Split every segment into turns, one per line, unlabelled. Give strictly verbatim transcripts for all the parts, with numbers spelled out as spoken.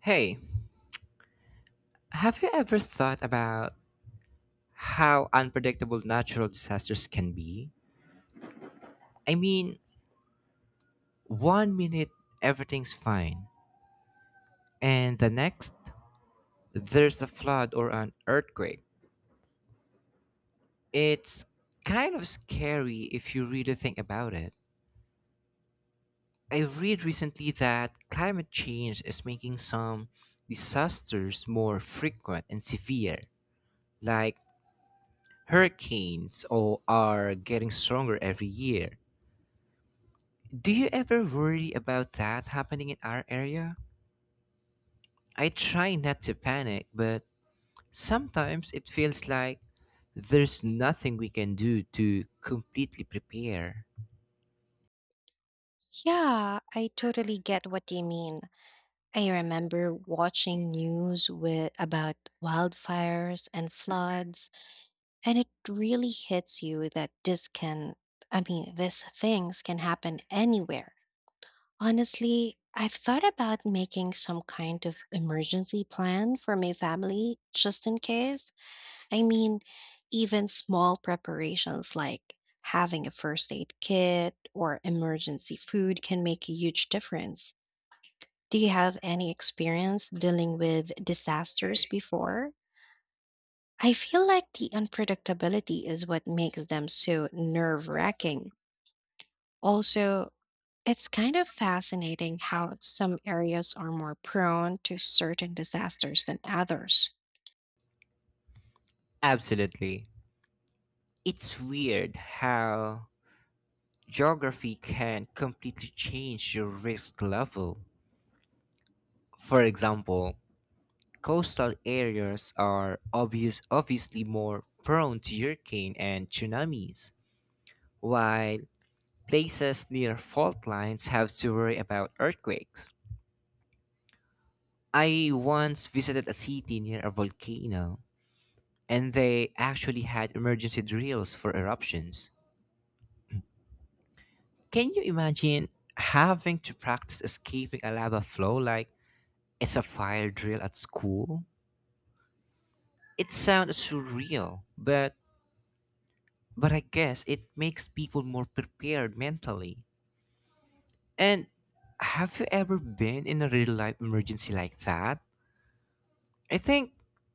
Hey, have you ever thought about how unpredictable natural disasters can be? I mean, one minute everything's fine, and the next there's a flood or an earthquake. It's kind of scary if you really think about it. I read recently that climate change is making some disasters more frequent and severe, like hurricanes or are getting stronger every year. Do you ever worry about that happening in our area? I try not to panic, but sometimes it feels like there's nothing we can do to completely prepare.
Yeah, I totally get what you mean. I remember watching news with about wildfires and floods, and it really hits you that this can, I mean, these things can happen anywhere. Honestly, I've thought about making some kind of emergency plan for my family just in case. I mean, even small preparations like having a first aid kit or emergency food can make a huge difference. Do you have any experience dealing with disasters before? I feel like the unpredictability is what makes them so nerve wracking. Also, it's kind of fascinating how some areas are more prone to certain disasters than others.
Absolutely. It's weird how geography can completely change your risk level. For example, coastal areas are obvious obviously more prone to hurricane and tsunamis, while places near fault lines have to worry about earthquakes. I once visited a city near a volcano, and they actually had emergency drills for eruptions. Can you imagine having to practice escaping a lava flow like it's a fire drill at school? It sounds surreal, but but I guess it makes people more prepared mentally. And have you ever been in a real life emergency like that? I think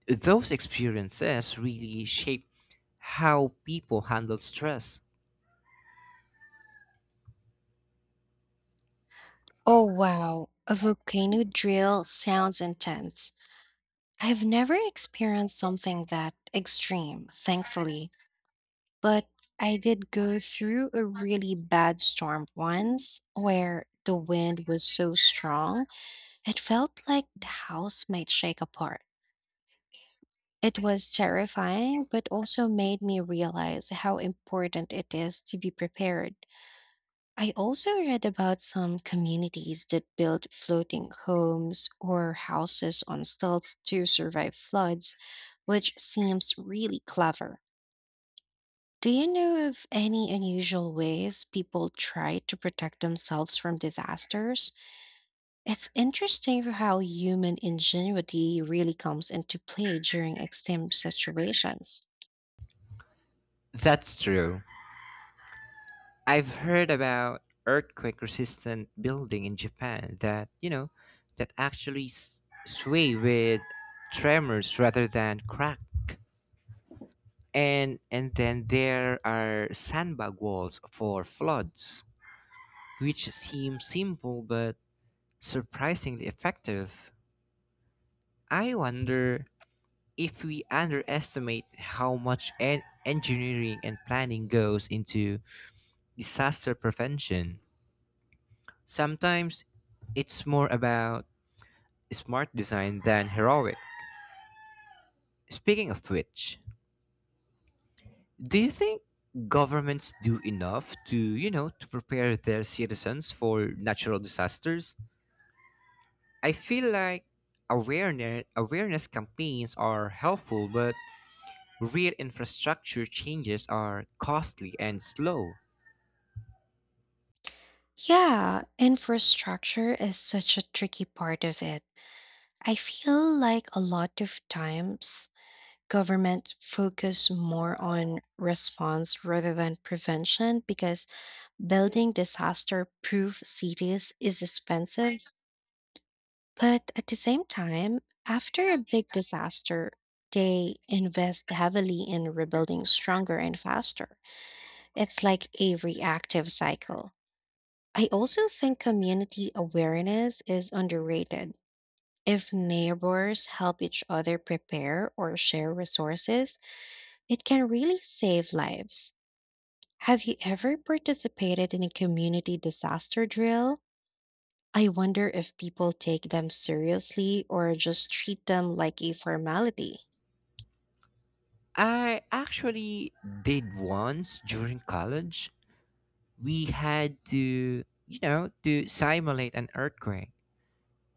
those experiences really shape how people handle stress.
Oh, wow, a volcano drill sounds intense. I've never experienced something that extreme, thankfully. But I did go through a really bad storm once where the wind was so strong, it felt like the house might shake apart. It was terrifying, but also made me realize how important it is to be prepared. I also read about some communities that build floating homes or houses on stilts to survive floods, which seems really clever. Do you know of any unusual ways people try to protect themselves from disasters? It's interesting how human ingenuity really comes into play during extreme situations.
That's true. I've heard about earthquake resistant building in Japan that, you know, that actually s- sway with tremors rather than crack. And and then there are sandbag walls for floods, which seem simple but surprisingly effective. I wonder if we underestimate how much en- engineering and planning goes into disaster prevention. Sometimes it's more about smart design than heroic. Speaking of which, do you think governments do enough to, you know, to prepare their citizens for natural disasters? I feel like awareness awareness campaigns are helpful, but real infrastructure changes are costly and slow.
Yeah, infrastructure is such a tricky part of it. I feel like a lot of times government focus more on response rather than prevention because building disaster proof cities is expensive, but at the same time, after a big disaster, they invest heavily in rebuilding stronger and faster. It's like a reactive cycle. I also think community awareness is underrated. If neighbors help each other prepare or share resources, it can really save lives. Have you ever participated in a community disaster drill? I wonder if people take them seriously or just treat them like a formality.
I actually did once during college. We had to, you know, to simulate an earthquake,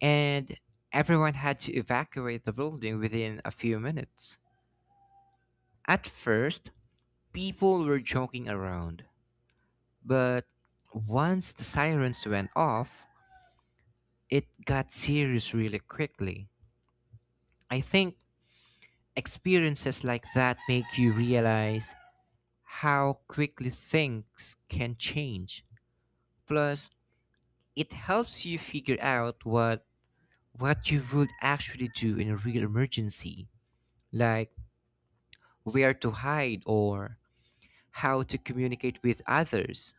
and everyone had to evacuate the building within a few minutes. At first, people were joking around, but once the sirens went off, it got serious really quickly. I think experiences like that make you realize how quickly things can change. Plus, it helps you figure out what what you would actually do in a real emergency, like where to hide or how to communicate with others.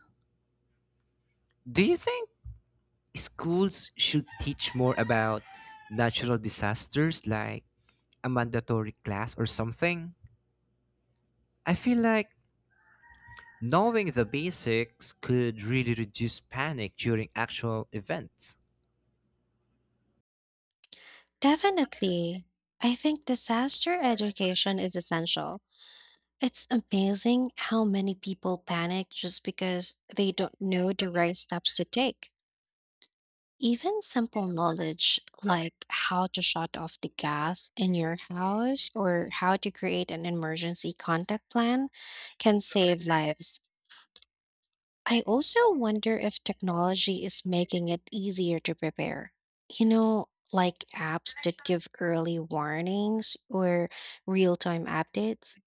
Do you think schools should teach more about natural disasters like a mandatory class or something? I feel like knowing the basics could really reduce panic during actual events.
Definitely. I think disaster education is essential. It's amazing how many people panic just because they don't know the right steps to take. Even simple knowledge like how to shut off the gas in your house or how to create an emergency contact plan can save lives. I also wonder if technology is making it easier to prepare. You know, like apps that give early warnings or real time updates.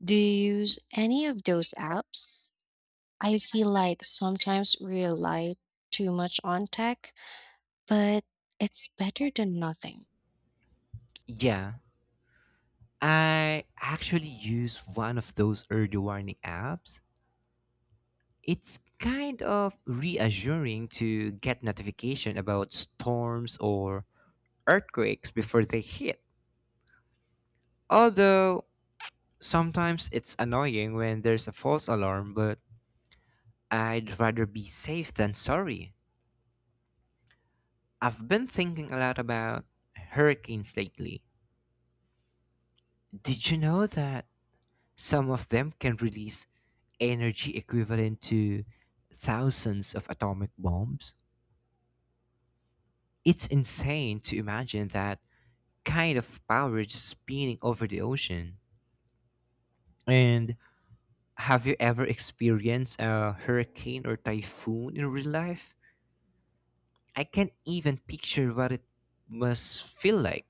Do you use any of those apps? I feel like sometimes we rely too much on tech, but it's better than nothing.
Yeah, I actually use one of those early warning apps. It's kind of reassuring to get notification about storms or earthquakes before they hit. Although sometimes it's annoying when there's a false alarm, but I'd rather be safe than sorry. I've been thinking a lot about hurricanes lately. Did you know that some of them can release energy equivalent to thousands of atomic bombs? It's insane to imagine that kind of power just spinning over the ocean. And have you ever experienced a hurricane or typhoon in real life? I can't even picture what it must feel like.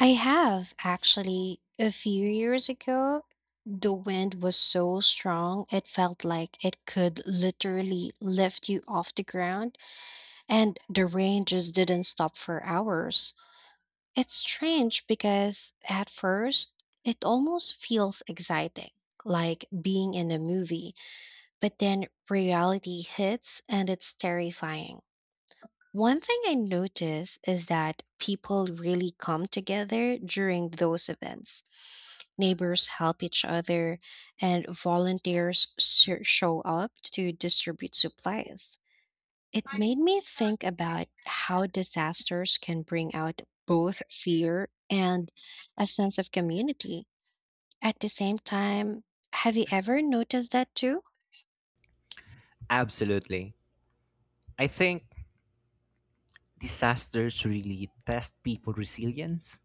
I have actually. A few years ago, the wind was so strong it felt like it could literally lift you off the ground, and the rain just didn't stop for hours. It's strange because at first it almost feels exciting, like being in a movie, but then reality hits and it's terrifying. One thing I notice is that people really come together during those events, neighbors help each other, and volunteers ser- show up to distribute supplies. It made me think about how disasters can bring out both fear and a sense of community. At the same time, have you ever noticed that too?
Absolutely. I think disasters really test people resilience.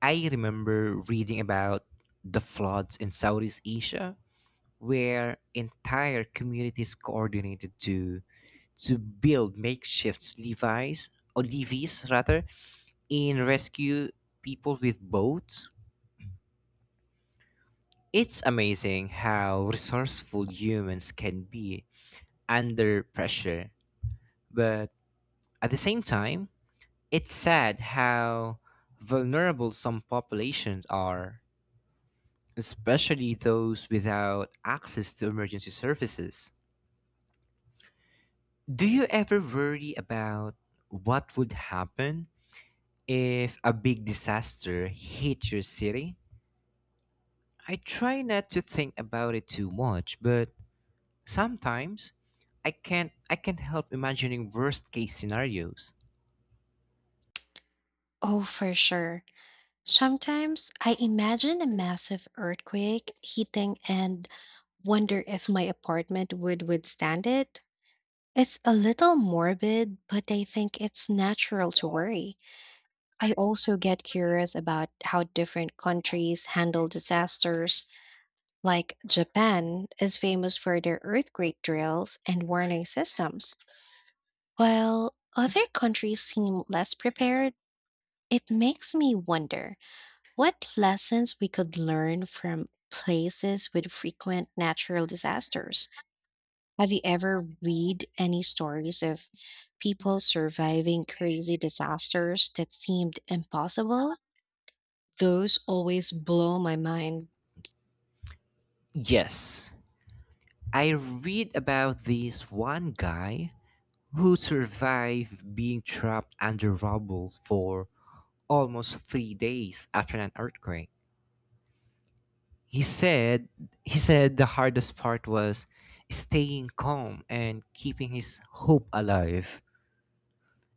I remember reading about the floods in Southeast Asia where entire communities coordinated to to build makeshift levies or levees rather in rescue people with boats. It's amazing how resourceful humans can be under pressure, but at the same time, it's sad how vulnerable some populations are, especially those without access to emergency services. Do you ever worry about what would happen if a big disaster hit your city? I try not to think about it too much, but sometimes I can't I can't help imagining worst case scenarios.
Oh, for sure. Sometimes I imagine a massive earthquake hitting and wonder if my apartment would withstand it. It's a little morbid, but I think it's natural to worry. I also get curious about how different countries handle disasters. Like Japan is famous for their earthquake drills and warning systems, while other countries seem less prepared. It makes me wonder what lessons we could learn from places with frequent natural disasters. Have you ever read any stories of people surviving crazy disasters that seemed impossible? Those always blow my mind.
Yes, I read about this one guy who survived being trapped under rubble for almost three days after an earthquake. He said he said the hardest part was staying calm and keeping his hope alive.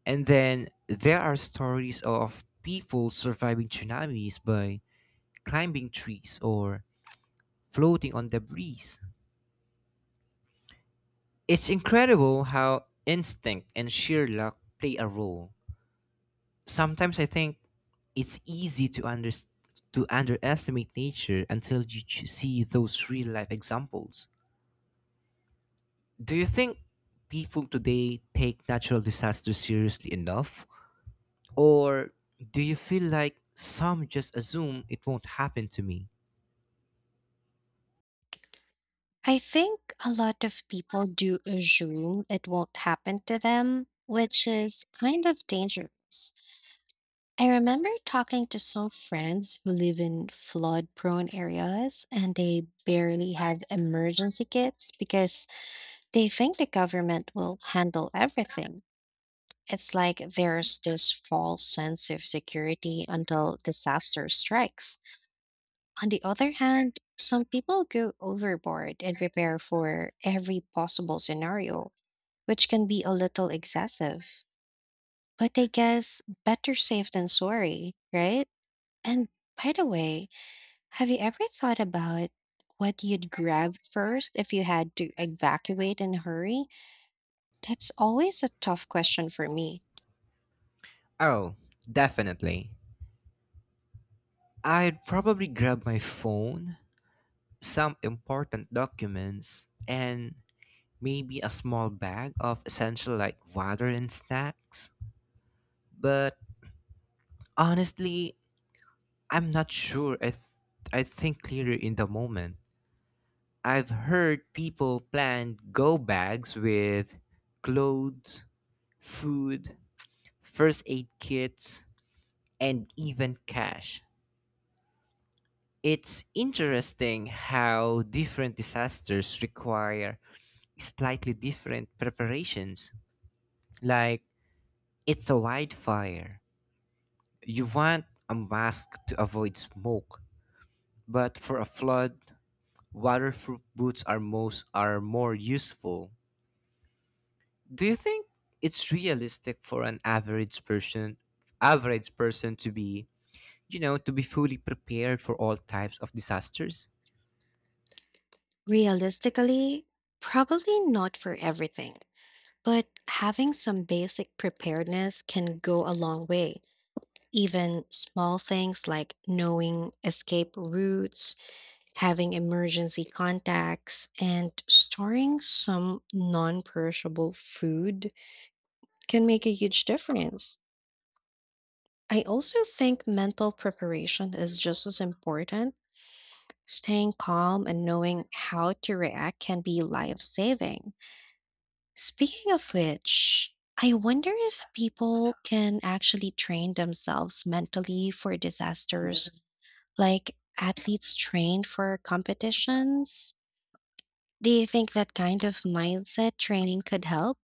And then there are stories of people surviving tsunamis by climbing trees or floating on the breeze. It's incredible how instinct and sheer luck play a role. Sometimes I think it's easy to under, to underestimate nature until you ch- see those real life examples. Do you think people today take natural disasters seriously enough or do you feel like some just assume it won't happen to me?
I think a lot of people do assume it won't happen to them, which is kind of dangerous. I remember talking to some friends who live in flood prone areas and they barely have emergency kits because they think the government will handle everything. It's like there's this false sense of security until disaster strikes. On the other hand, some people go overboard and prepare for every possible scenario, which can be a little excessive. But I guess better safe than sorry, right? And by the way, have you ever thought about what you'd grab first if you had to evacuate in a hurry? That's always a tough question for me.
Oh, definitely. I'd probably grab my phone, some important documents, and maybe a small bag of essential like water and snacks. But honestly, I'm not sure I, th- I think clearer in the moment. I've heard people plan go bags with clothes, food, first aid kits, and even cash. It's interesting how different disasters require slightly different preparations. Like it's a wildfire. You want a mask to avoid smoke, but for a flood, waterproof boots are most are more useful. Do you think it's realistic for an average person average person to be, you know, to be fully prepared for all types of disasters?
Realistically, probably not for everything, but having some basic preparedness can go a long way. Even small things like knowing escape routes, having emergency contacts, and storing some non perishable food can make a huge difference. I also think mental preparation is just as important. Staying calm and knowing how to react can be life saving. Speaking of which, I wonder if people can actually train themselves mentally for disasters, like athletes trained for competitions. Do you think that kind of mindset training could help?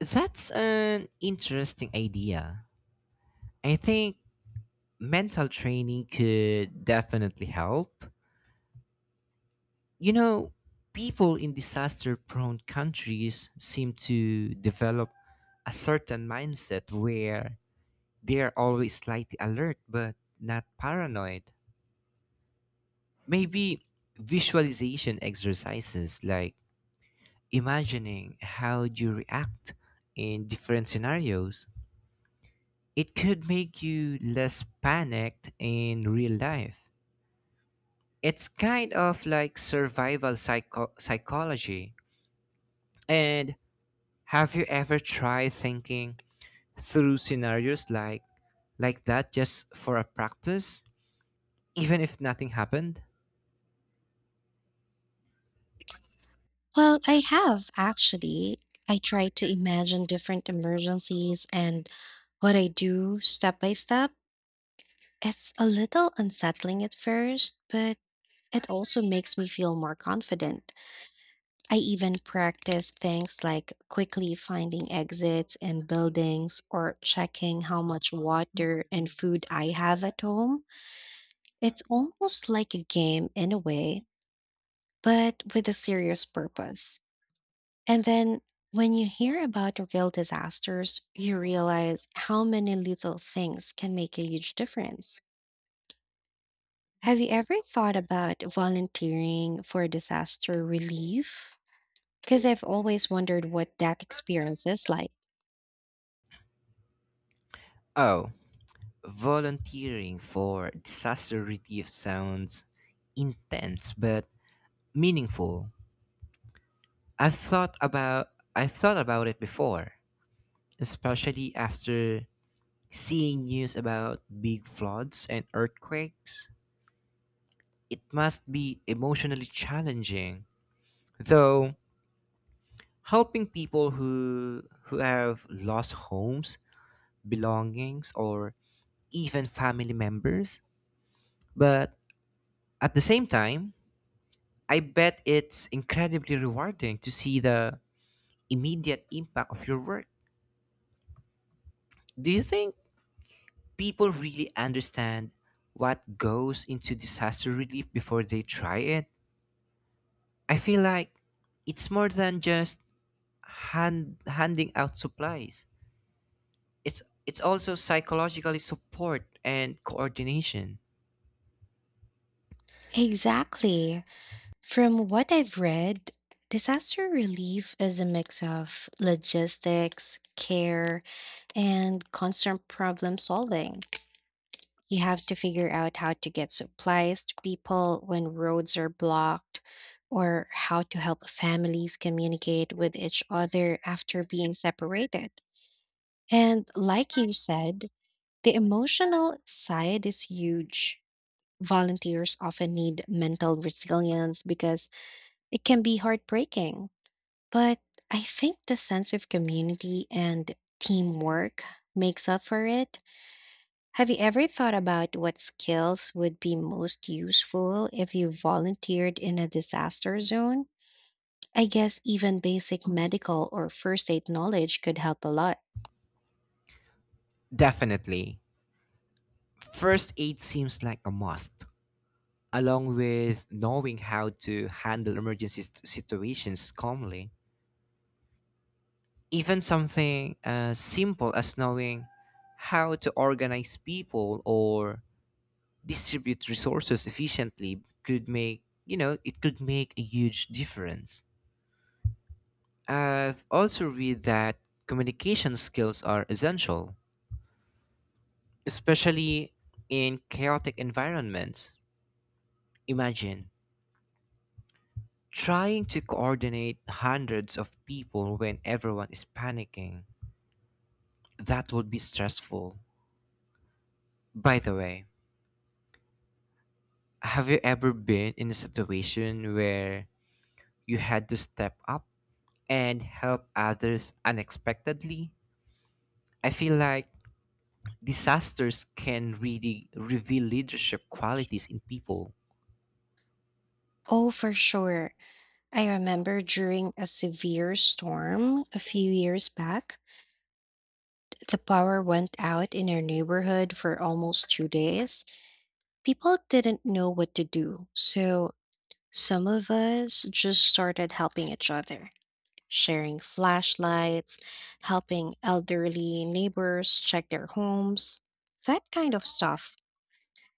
That's an interesting idea. I think mental training could definitely help. You know, people in disaster prone countries seem to develop a certain mindset where they're always slightly alert but not paranoid. Maybe visualization exercises like imagining how you react in different scenarios. It could make you less panicked in real life. It's kind of like survival psycho- psychology. And have you ever tried thinking through scenarios like like that just for a practice, even if nothing happened?
Well, I have actually. I try to imagine different emergencies and what I do step by step. It's a little unsettling at first, but it also makes me feel more confident. I even practice things like quickly finding exits and buildings or checking how much water and food I have at home. It's almost like a game in a way, but with a serious purpose. And then when you hear about real disasters, you realize how many little things can make a huge difference. Have you ever thought about volunteering for disaster relief? Because I've always wondered what that experience is like.
Oh, volunteering for disaster relief sounds intense but meaningful. I've thought about I've thought about it before, especially after seeing news about big floods and earthquakes. It must be emotionally challenging, though helping people who who have lost homes, belongings, or even family members. But at the same time, I bet it's incredibly rewarding to see the immediate impact of your work. Do you think people really understand what goes into disaster relief before they try it? I feel like it's more than just hand, handing out supplies. it's it's also psychologically support and coordination.
Exactly. From what I've read, disaster relief is a mix of logistics, care, and constant problem solving. You have to figure out how to get supplies to people when roads are blocked, or how to help families communicate with each other after being separated. And like you said, the emotional side is huge. Volunteers often need mental resilience because it can be heartbreaking, but I think the sense of community and teamwork makes up for it. Have you ever thought about what skills would be most useful if you volunteered in a disaster zone? I guess even basic medical or first aid knowledge could help a lot.
Definitely. First aid seems like a must, along with knowing how to handle emergency sit- situations calmly. Even something as simple as knowing how to organize people or distribute resources efficiently could make, you know, it could make a huge difference. I've also read that communication skills are essential, especially in chaotic environments. Imagine trying to coordinate hundreds of people when everyone is panicking. That would be stressful. By the way, have you ever been in a situation where you had to step up and help others unexpectedly? I feel like disasters can really reveal leadership qualities in people.
Oh, for sure. I remember during a severe storm a few years back, the power went out in our neighborhood for almost two days. People didn't know what to do, so some of us just started helping each other, sharing flashlights, helping elderly neighbors check their homes, that kind of stuff.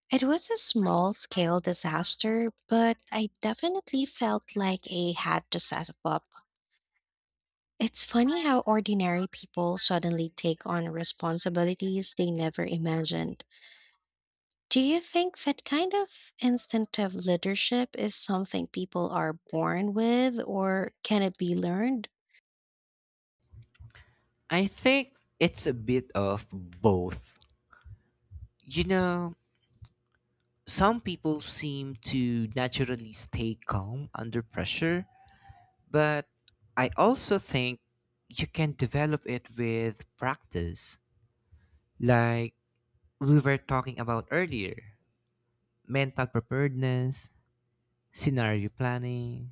It was a small scale disaster, but I definitely felt like I had to step up. It's funny how ordinary people suddenly take on responsibilities they never imagined. Do you think that kind of instinctive leadership is something people are born with, or can it be learned?
I think it's a bit of both. You know, some people seem to naturally stay calm under pressure, but I also think you can develop it with practice. Like we were talking about earlier, mental preparedness, scenario planning,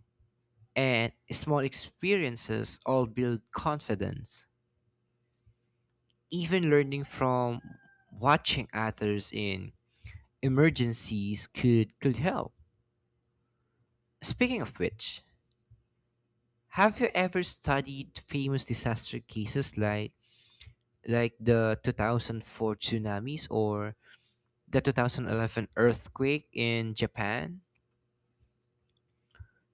and small experiences all build confidence. Even learning from watching others in emergencies could, could help. Speaking of which, have you ever studied famous disaster cases like like the two thousand four tsunamis or the two thousand eleven earthquake in Japan?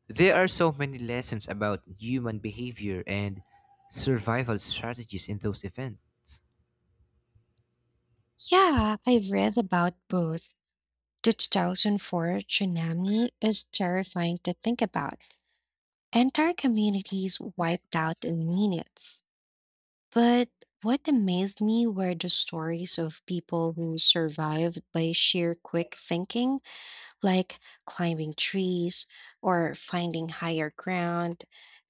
There are so many lessons about human behavior and survival strategies in those events.
Yeah, I've read about both. The two thousand four tsunami is terrifying to think about. Entire communities wiped out in minutes. But what amazed me were the stories of people who survived by sheer quick thinking, like climbing trees or finding higher ground.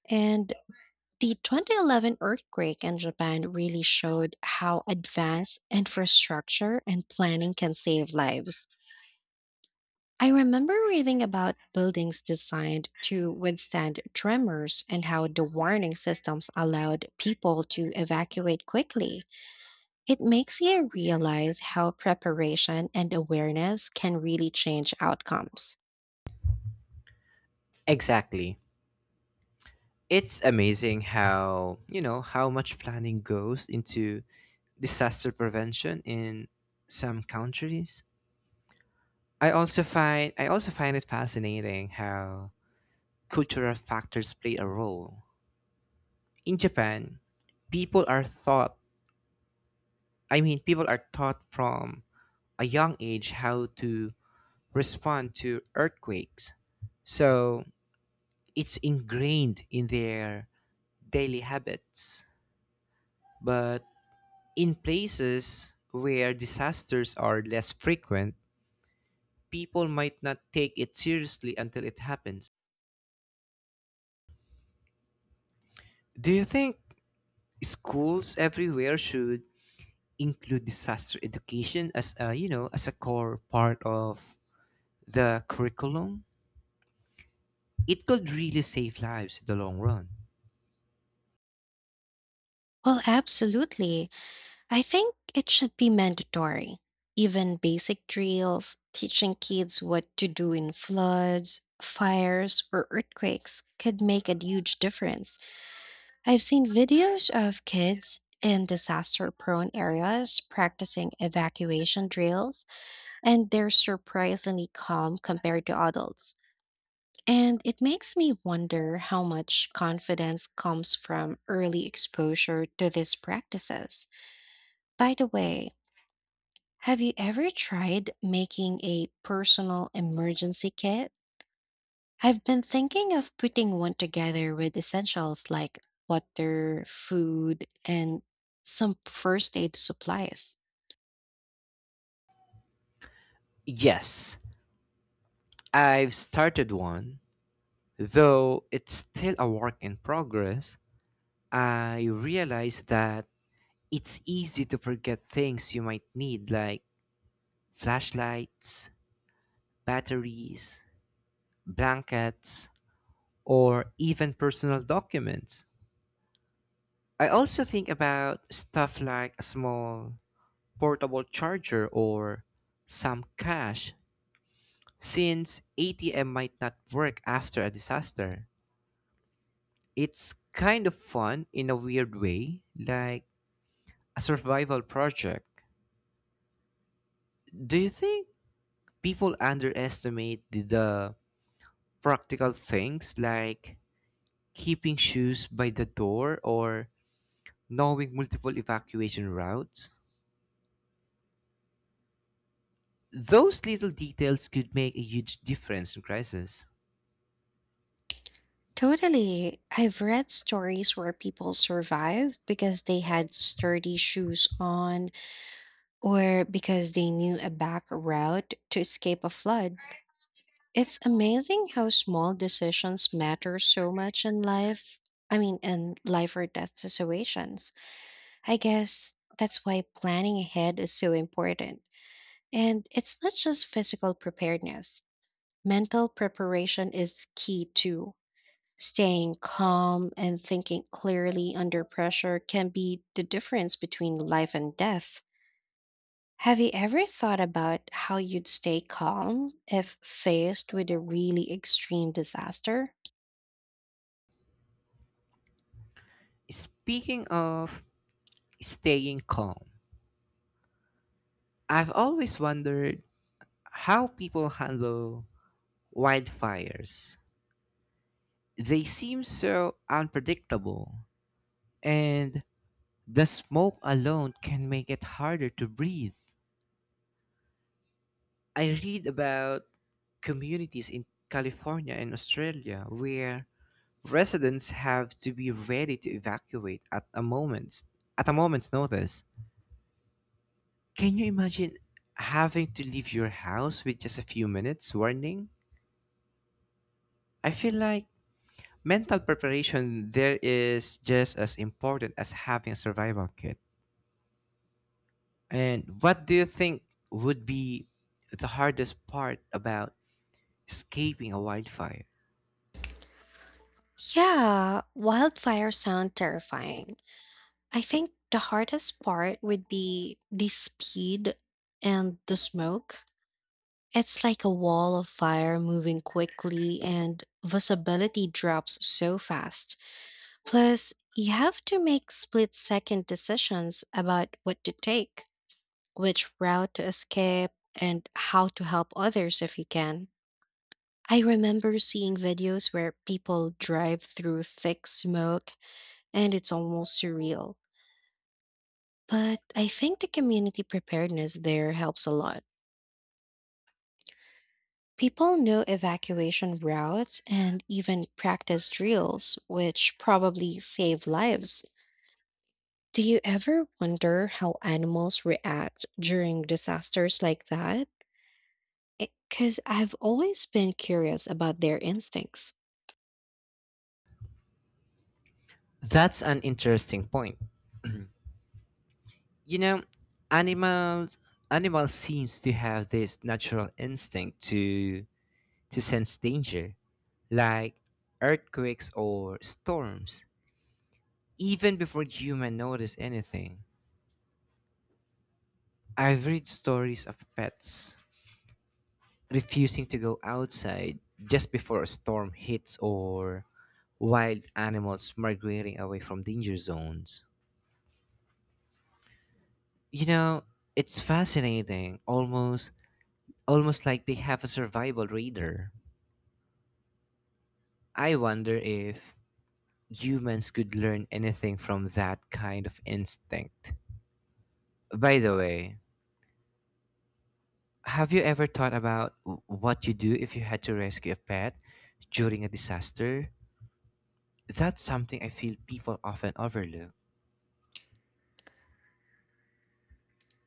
And the twenty eleven earthquake in Japan really showed how advanced infrastructure and planning can save lives. I remember reading about buildings designed to withstand tremors and how the warning systems allowed people to evacuate quickly. It makes you realize how preparation and awareness can really change outcomes.
Exactly. It's amazing how, you know, how much planning goes into disaster prevention in some countries. I also find I also find it fascinating how cultural factors play a role. In Japan, people are thought I mean people are taught from a young age how to respond to earthquakes. So it's ingrained in their daily habits. But in places where disasters are less frequent, people might not take it seriously until it happens. Do you think schools everywhere should include disaster education as a, you know, as a core part of the curriculum? It could really save lives in the long run.
Well, absolutely. I think it should be mandatory. Even basic drills, teaching kids what to do in floods, fires, or earthquakes could make a huge difference. I've seen videos of kids in disaster prone areas practicing evacuation drills, and they're surprisingly calm compared to adults. And it makes me wonder how much confidence comes from early exposure to these practices. By the way, have you ever tried making a personal emergency kit? I've been thinking of putting one together with essentials like water, food, and some first aid supplies.
Yes, I've started one, though it's still a work in progress. I realize that it's easy to forget things you might need, like flashlights, batteries, blankets, or even personal documents. I also think about stuff like a small portable charger or some cash, since A T M might not work after a disaster. It's kind of fun in a weird way, like a survival project. Do you think people underestimate the, the practical things like keeping shoes by the door or knowing multiple evacuation routes? Those little details could make a huge difference in crisis.
Totally. I've read stories where people survived because they had sturdy shoes on or because they knew a back route to escape a flood. It's amazing how small decisions matter so much in life. I mean, in life or death situations. I guess that's why planning ahead is so important. And it's not just physical preparedness, mental preparation is key too. Staying calm and thinking clearly under pressure can be the difference between life and death. Have you ever thought about how you'd stay calm if faced with a really extreme disaster?
Speaking of staying calm, I've always wondered how people handle wildfires. They seem so unpredictable, and the smoke alone can make it harder to breathe. I read about communities in California and Australia where residents have to be ready to evacuate at a moment's at a moment's notice. Can you imagine having to leave your house with just a few minutes warning? I feel like mental preparation there is just as important as having a survival kit. And what do you think would be the hardest part about escaping a wildfire?
Yeah, wildfires sound terrifying. I think the hardest part would be the speed and the smoke. It's like a wall of fire moving quickly, and visibility drops so fast. Plus, you have to make split second decisions about what to take, which route to escape, and how to help others if you can. I remember seeing videos where people drive through thick smoke and it's almost surreal. But I think the community preparedness there helps a lot. People know evacuation routes and even practice drills, which probably save lives. Do you ever wonder how animals react during disasters like that? Because I've always been curious about their instincts.
That's an interesting point. You know, animals animals seems to have this natural instinct to to sense danger, like earthquakes or storms, even before human notice anything. I've read stories of pets refusing to go outside just before a storm hits or wild animals migrating away from danger zones. You know, it's fascinating, almost almost like they have a survival radar. I wonder if humans could learn anything from that kind of instinct. By the way, have you ever thought about w- what you do if you had to rescue a pet during a disaster? That's something I feel people often overlook.